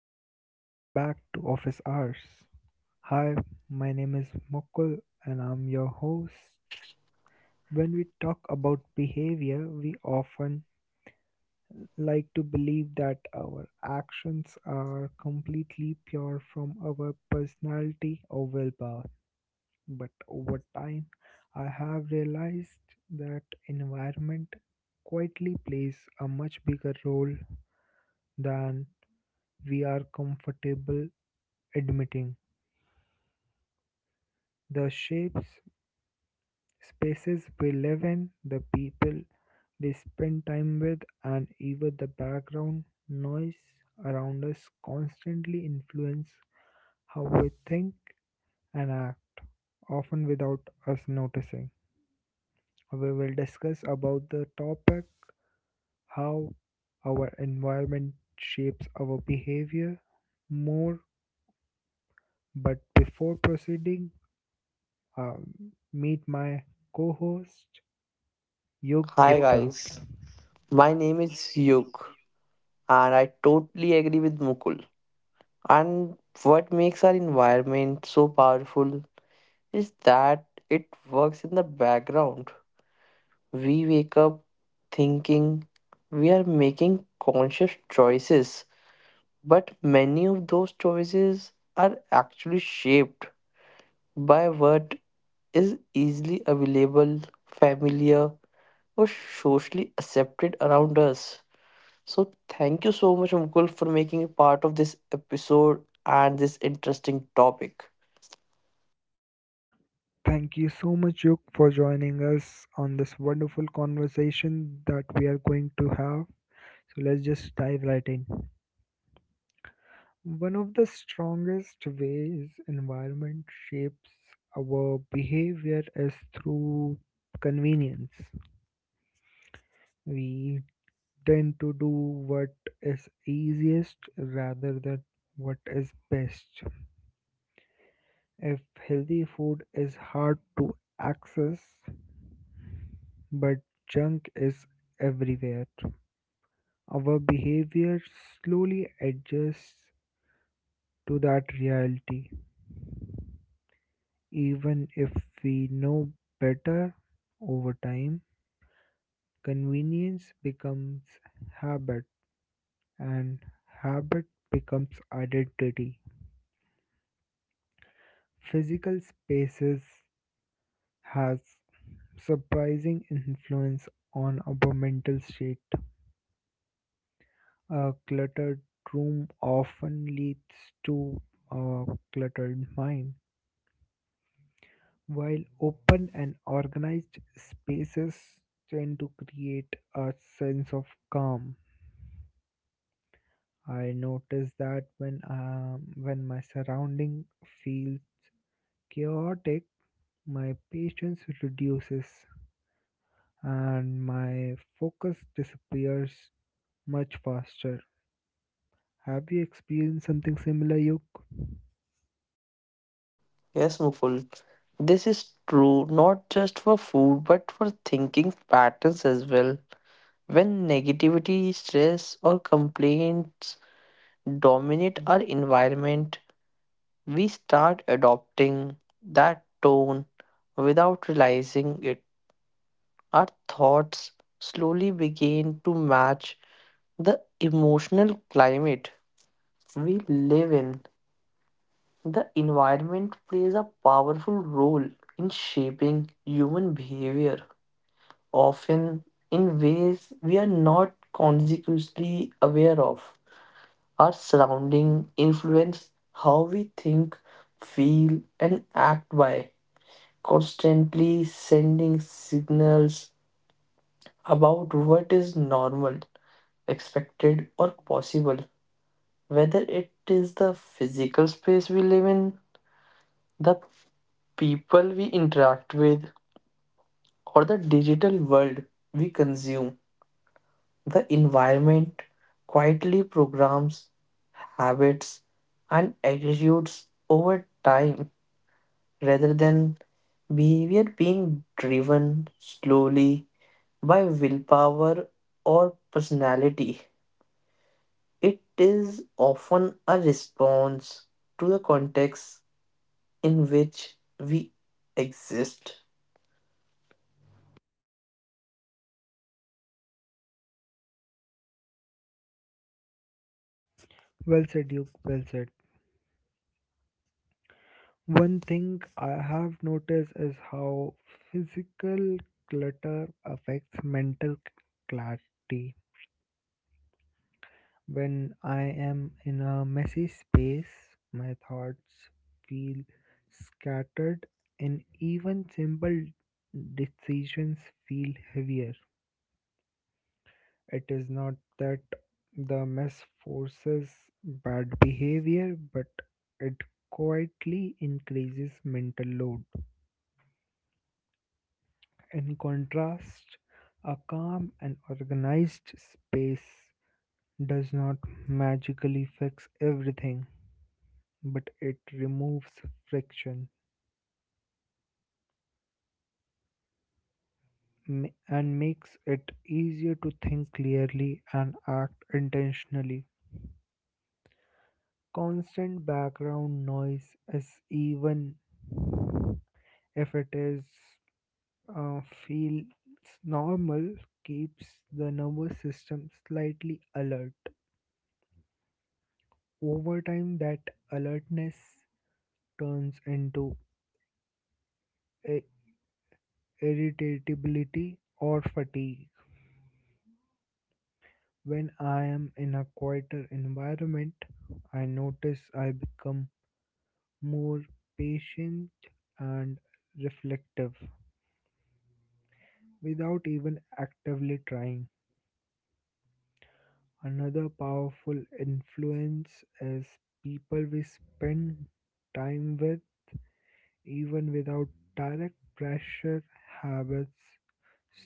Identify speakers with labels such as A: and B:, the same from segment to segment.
A: Hello and welcome back to Office Hours. Hi, my name is Mukul and I'm your host. When we talk about behavior, we often like to believe that our actions are completely pure from our personality or willpower. But over time, I have realized that environment quietly plays a much bigger role than we are comfortable admitting. The shapes, spaces we live in, the people we spend time with, and even the background noise around us constantly influence how we think and act, often without us noticing. We will discuss about the topic how our environment shapes our behavior more. But before proceeding, meet my co host Yog
B: Hi
A: Gupta,
B: guys,
A: guys.
B: my name is Yuk and I totally agree with Mukul. And what makes our environment so powerful is that it works in the background. We wake up thinking we are making conscious choices, but many of those choices are actually shaped by what is easily available, familiar, or socially accepted around us. So, thank you so much, Mukul, for making a part of this episode and this interesting topic.
A: Thank you so much, Yuk, for joining us on this wonderful conversation that we are going to have. So let's just dive right in. One of the strongest ways environment shapes our behavior is through convenience. We tend to do what is easiest rather than what is best. If healthy food is hard to access, but junk is everywhere. Our behavior slowly adjusts to that reality, even if we know better over time. Convenience becomes habit, and habit becomes identity. Physical spaces has surprising influence on our mental state. A cluttered room often leads to a cluttered mind. While open and organized spaces tend to create a sense of calm, I notice that when my surrounding feels chaotic, my patience reduces and my focus disappears much faster. Have you experienced something similar, Yuk?
B: Yes, Mukul, this is true not just for food but for thinking patterns as well. When negativity, stress, or complaints dominate our environment, we start adopting that tone without realizing it. Our thoughts slowly begin to match the emotional climate we live in, the environment plays a powerful role in shaping human behavior, often in ways we are not consciously aware of. Our surrounding influence how we think, feel, and act by constantly sending signals about what is normal, expected, or possible, whether it is the physical space we live in the people we interact with, or the digital world we consume. The environment quietly programs habits and attitudes over time rather than behavior being driven slowly by willpower or personality. It is often a response to the context in which we exist.
A: Well said, Yuk. Well said. One thing I have noticed is how physical clutter affects mental clarity. When I am in a messy space, my thoughts feel scattered and even simple decisions feel heavier. It is not that the mess forces bad behavior, but it quietly increases mental load. In contrast, a calm and organized space does not magically fix everything, but it removes friction and makes it easier to think clearly and act intentionally. Constant background noise is even if it is uh, feels normal keeps the nervous system slightly alert. Over time, that alertness turns into i- irritability or fatigue. When I am in a quieter environment, I notice I become more patient and reflective without even actively trying. Another powerful influence is people we spend time with. Even without direct pressure, habits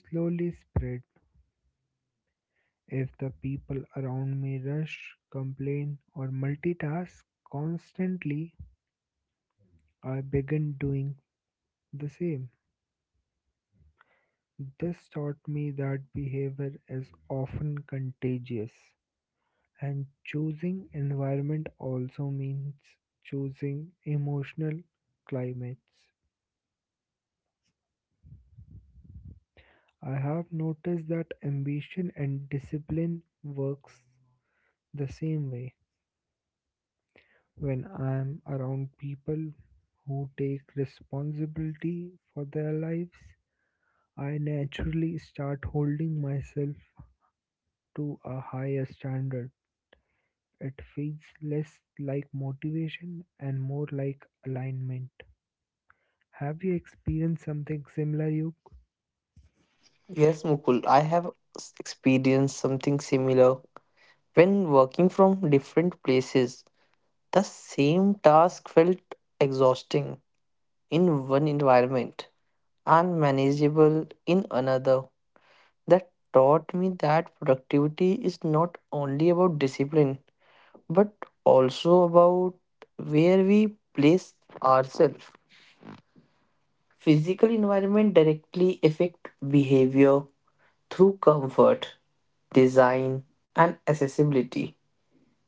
A: slowly spread. If the people around me rush, complain, or multitask constantly, I begin doing the same. This taught me that behavior is often contagious, and choosing environment also means choosing emotional climates. I have noticed that ambition and discipline works the same way. When I am around people who take responsibility for their lives, I naturally start holding myself to a higher standard. It feels less like motivation and more like alignment. Have you experienced something similar, Yuk?
B: Yes, Mukul, I have experienced something similar. When working from different places, the same task felt exhausting in one environment and manageable in another. That taught me that productivity is not only about discipline, but also about where we place ourselves. Physical environment directly affect behavior through comfort, design, and accessibility.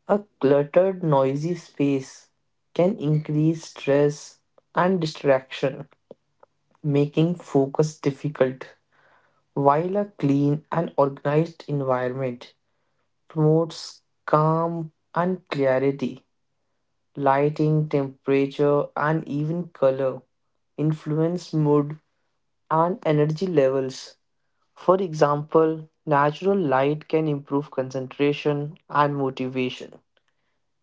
B: A cluttered, noisy space can increase stress and distraction, making focus difficult, while a clean and organized environment promotes calm and clarity. Lighting, temperature, and even color influence mood and energy levels. For example, natural light can improve concentration and motivation,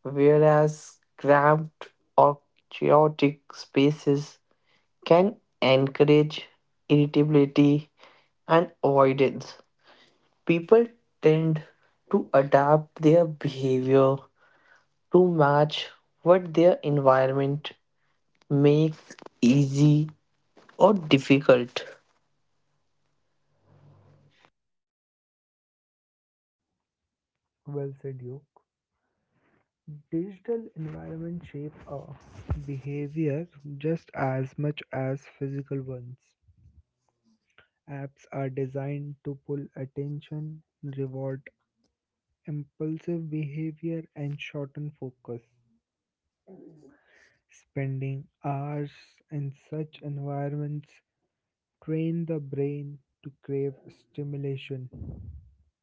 B: whereas cramped or chaotic spaces can encourage irritability and avoidance. People tend to adapt their behavior to match what their environment makes easy or difficult.
A: Well said, Yuk. Digital environment shape our behavior just as much as physical ones. Apps are designed to pull attention, reward impulsive behavior, and shorten focus. Spending hours in such environments train the brain to crave stimulation.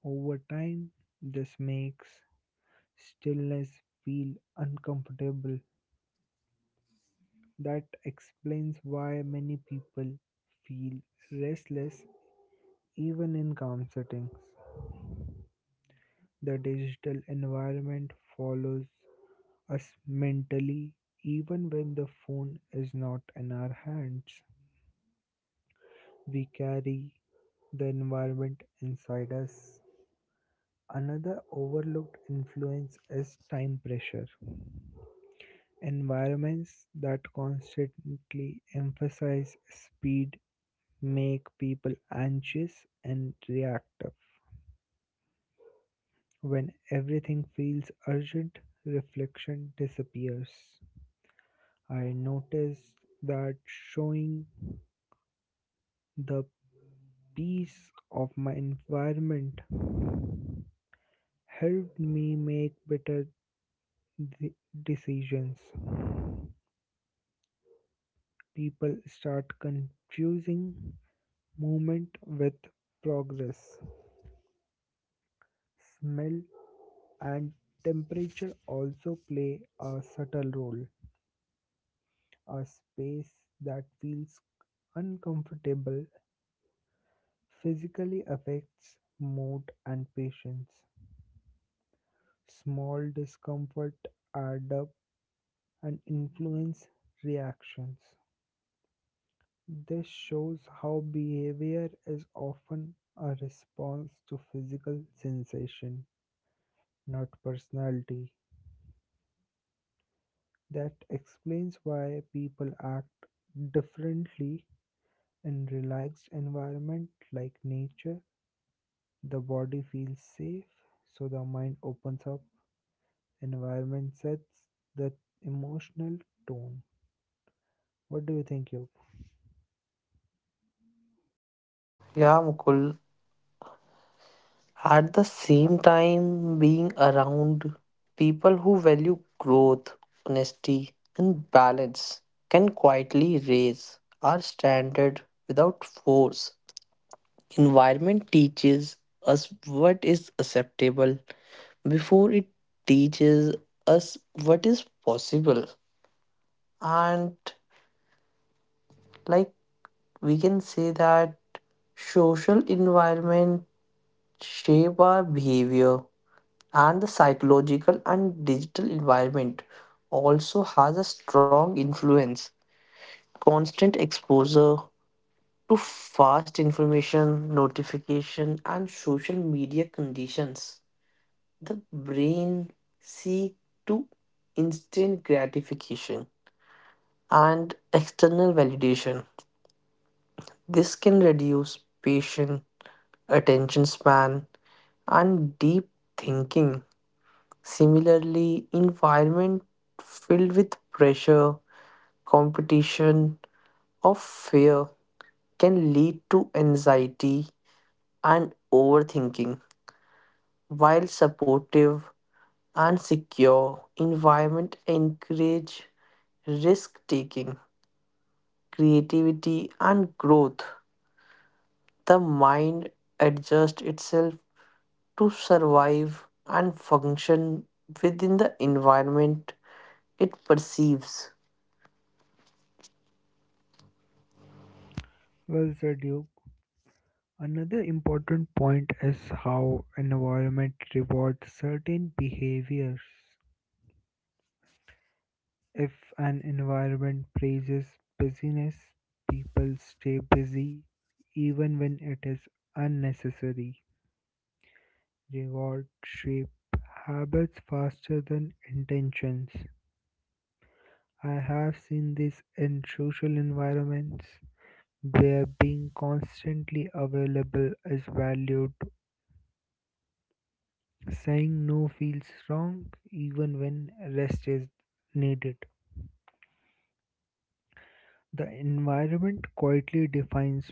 A: Over time, this makes stillness feel uncomfortable. That explains why many people feel restless even in calm settings. The digital environment follows us mentally even when the phone is not in our hands. We carry the environment inside us. Another overlooked influence is time pressure. Environments that constantly emphasize speed make people anxious and reactive. When everything feels urgent, reflection disappears. I noticed that showing the piece of my environment helped me make better de- decisions. People start confusing movement with progress. Smell and temperature also play a subtle role. A space that feels uncomfortable physically affects mood and patience. Small discomfort add up and influence reactions. This shows how behavior is often a response to physical sensation, not personality. That explains why people act differently in relaxed environment like nature. The body feels safe, so the mind opens up. Environment sets the emotional tone. What do you think, you?
B: Yeah, Mukul, at the same time, being around people who value growth, honesty, and balance can quietly raise our standard without force. Environment teaches us what is acceptable before it teaches us what is possible. And like we can say that social environment shape our behavior and the psychological and digital environment also has a strong influence. Constant exposure to fast information, notification, and social media conditions. The brain seek to instant gratification and external validation. This can reduce patience, attention span, and deep thinking. Similarly, environment filled with pressure, competition, or fear can lead to anxiety and overthinking. While supportive and secure environment encourage risk taking, creativity and growth, the mind adjusts itself to survive and function within the environment it perceives.
A: Well said, Duke. Another important point is how environment rewards certain behaviors. If an environment praises busyness, people stay busy even when it is unnecessary. Reward shape habits faster than intentions. I have seen this in social environments where being constantly available is valued. Saying no feels wrong even when rest is needed. The environment quietly defines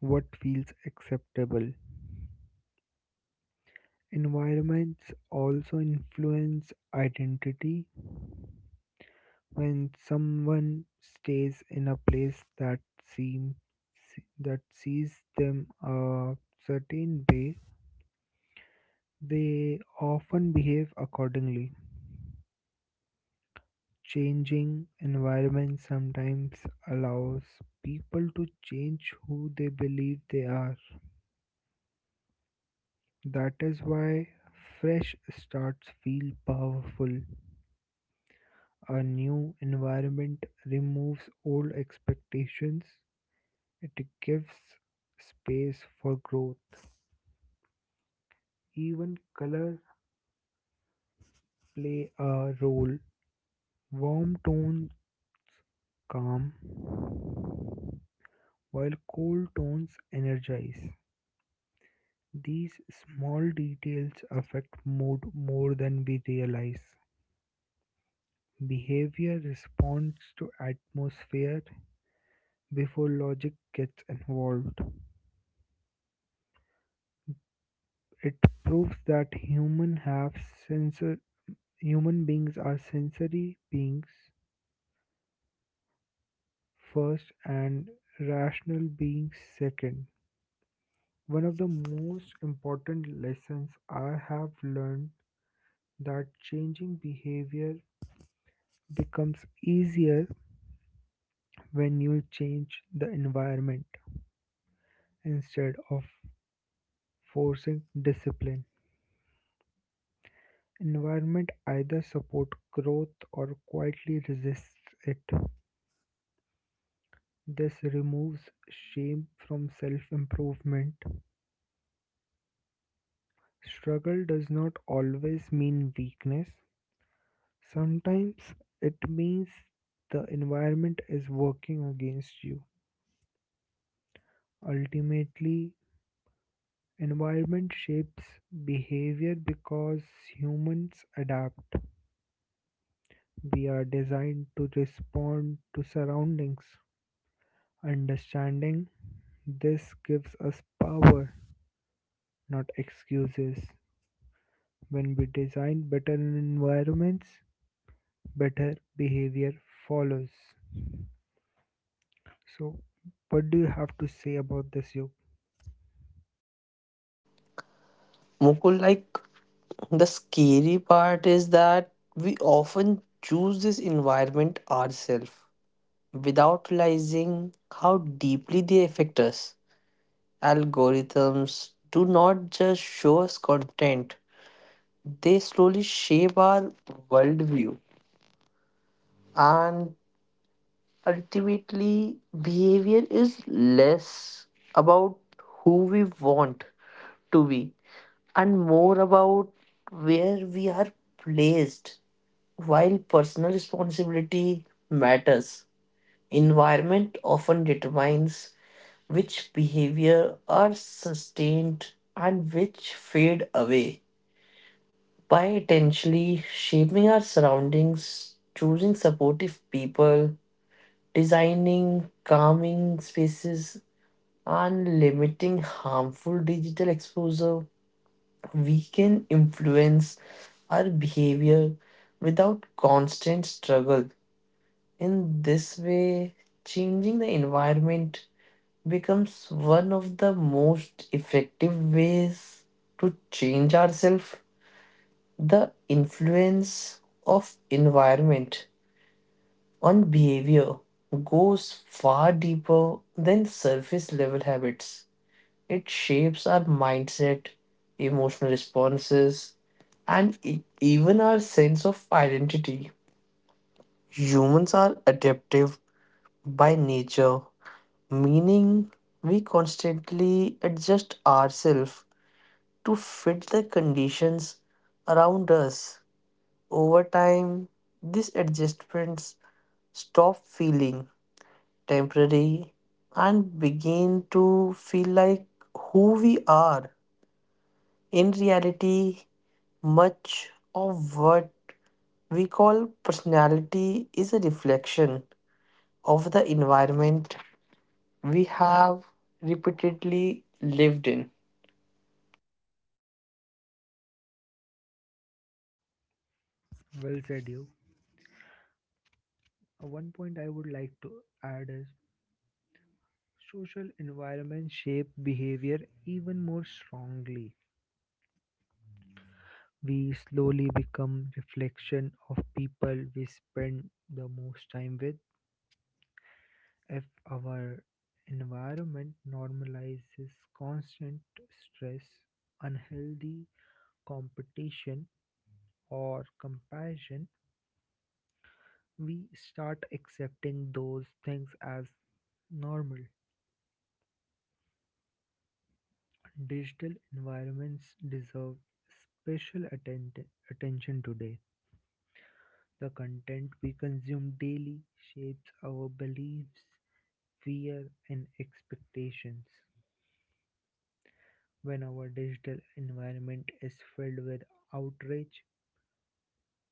A: what feels acceptable. Environments also influence identity. When someone stays in a place that seems that sees them a certain way, they often behave accordingly. Changing environment sometimes allows people to change who they believe they are. That is why fresh starts feel powerful. A new environment removes old expectations, it gives space for growth. Even colors play a role. Warm tones calm, while cold tones energize. These small details affect mood more than we realize. Behavior responds to atmosphere before logic gets involved. It proves that sensor human beings are sensory beings first and rational beings second. One of the most important lessons I have learned that changing behavior becomes easier when you change the environment instead of forcing discipline. Environment either support growth or quietly resists it. This removes shame from self-improvement. Struggle does not always mean weakness. Sometimes it means the environment is working against you. Ultimately, environment shapes behavior because humans adapt. We are designed to respond to surroundings. Understanding this gives us power, not excuses. When we design better environments, better behavior follows. So, what do you have to say about this, Yog?
B: Mukul, like the scary part is that we often choose this environment ourselves without realizing how deeply they affect us. Algorithms do not just show us content, they slowly shape our worldview. And ultimately, behavior is less about who we want to be and more about where we are placed. While personal responsibility matters, environment often determines which behavior are sustained and which fade away. By intentionally shaping our surroundings, choosing supportive people, designing calming spaces, and limiting harmful digital exposure, we can influence our behavior without constant struggle. In this way, changing the environment becomes one of the most effective ways to change ourselves. The influence of environment on behavior goes far deeper than surface level habits. It shapes our mindset, emotional responses, and even our sense of identity. Humans are adaptive by nature meaning we constantly adjust ourselves to fit the conditions around us. Over time, these adjustments stop feeling temporary and begin to feel like who we are. In reality, much of what we call personality is a reflection of the environment we have repeatedly lived in.
A: Well said, you. One point I would like to add is social environment shape behavior even more strongly. We slowly become reflection of people we spend the most time with. If our environment normalizes constant stress, unhealthy competition or comparison, we start accepting those things as normal. Digital environments deserve special attention today. The content we consume daily shapes our beliefs, fear and expectations. When our digital environment is filled with outrage,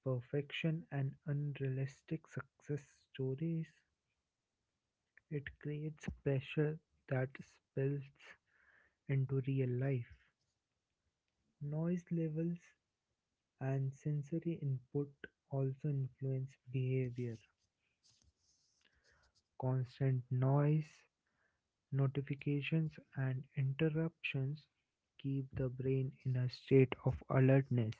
A: perfection, and unrealistic success stories, it creates pressure that spills into real life. Noise levels and sensory input also influence behavior. Constant noise, notifications, and interruptions keep the brain in a state of alertness.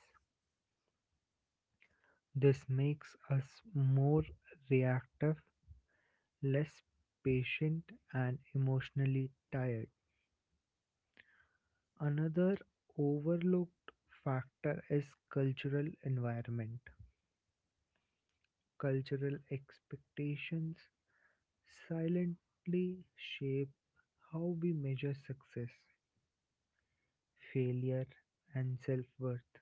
A: This makes us more reactive, less patient, and emotionally tired. Another overlooked factor is cultural environment. Cultural expectations silently shape how we measure success, failure, and self worth.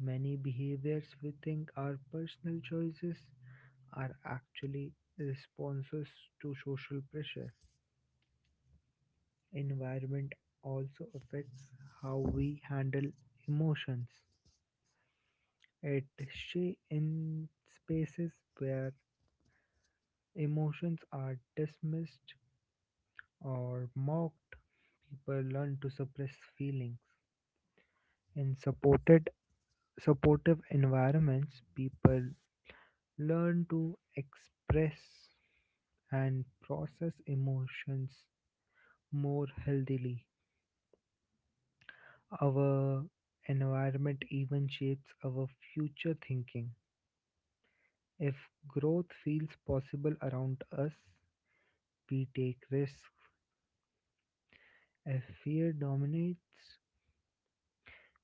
A: Many behaviors we think are personal choices are actually responses to social pressure. Environment also affects how we handle emotions. It in spaces where emotions are dismissed or mocked, people learn to suppress feelings. In supported supportive environments, people learn to express and process emotions more healthily. Our environment even shapes our future thinking. If growth feels possible around us, we take risks. If fear dominates,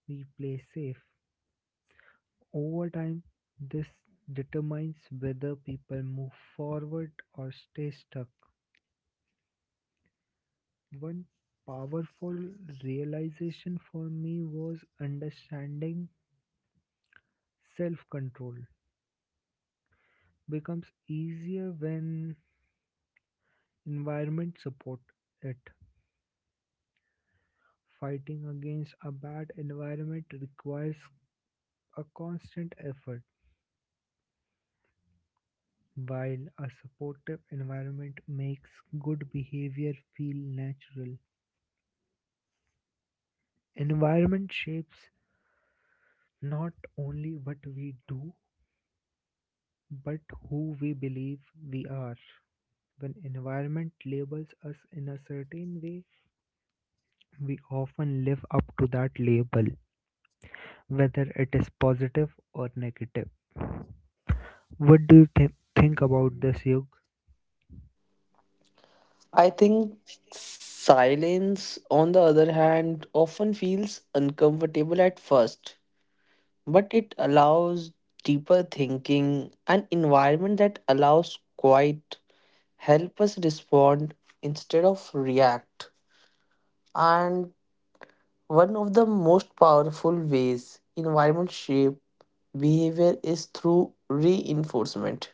A: we play safe. Over time, this determines whether people move forward or stay stuck. One powerful realization for me was understanding self control becomes easier when environment support it. Fighting against a bad environment requires a constant effort, while a supportive environment makes good behavior feel natural. Environment shapes not only what we do, but who we believe we are. When environment labels us in a certain way, we often live up to that label, whether it is positive or negative. What do you think about this, Yug?
B: I think silence, on the other hand, often feels uncomfortable at first, but it allows deeper thinking. An environment that allows quiet help us respond instead of react. And one of the most powerful ways environment shape behavior is through reinforcement.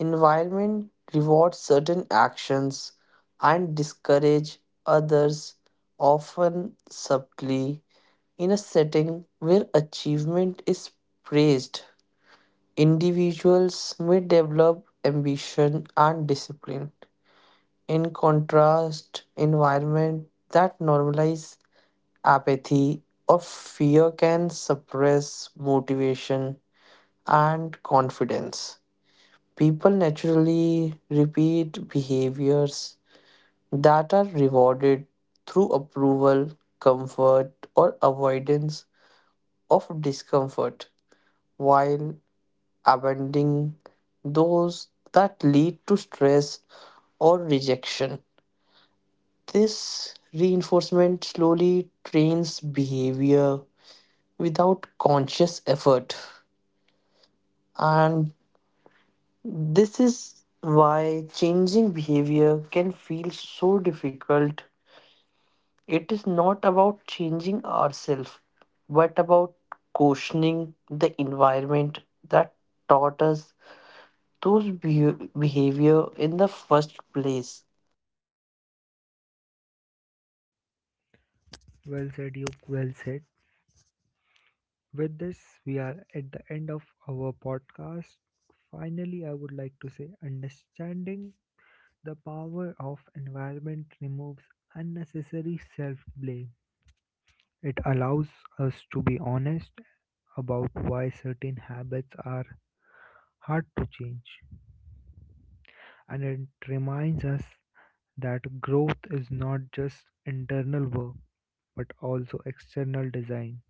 B: Environment rewards certain actions and discourage others, often subtly. In a setting where achievement is praised, individuals may develop ambition and discipline. In contrast, environment that normalize apathy or fear can suppress motivation and confidence. People naturally repeat behaviors that are rewarded through approval, comfort, or avoidance of discomfort, while abandoning those that lead to stress or rejection. This reinforcement slowly trains behavior without conscious effort, and this is why changing behavior can feel so difficult. It is not about changing ourselves, but about cautioning the environment that taught us those behavior in the first place.
A: Well said, Yug. Well said. With this, we are at the end of our podcast. Finally, I would like to say understanding the power of environment removes unnecessary self blame. It allows us to be honest about why certain habits are hard to change, and it reminds us that growth is not just internal work but also external design.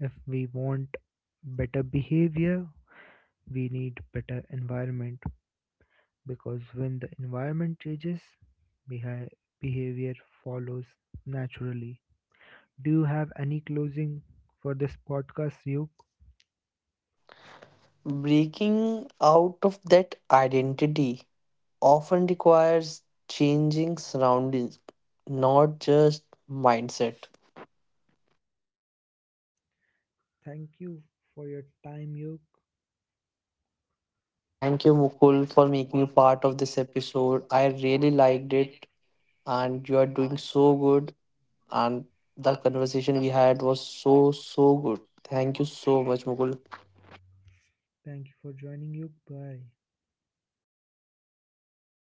A: If we want better behavior, we need better environment because when the environment changes, behi- behavior follows naturally. Do you have any closing for this podcast, Yuk?
B: Breaking out of that identity often requires changing surroundings, not just mindset.
A: Thank you for your time, Yuk.
B: Thank you, Mukul, for making me part of this episode. I really liked it, and you are doing so good. And the conversation we had was so, so good. Thank you so much, Mukul.
A: Thank you for joining, Yuk. Bye.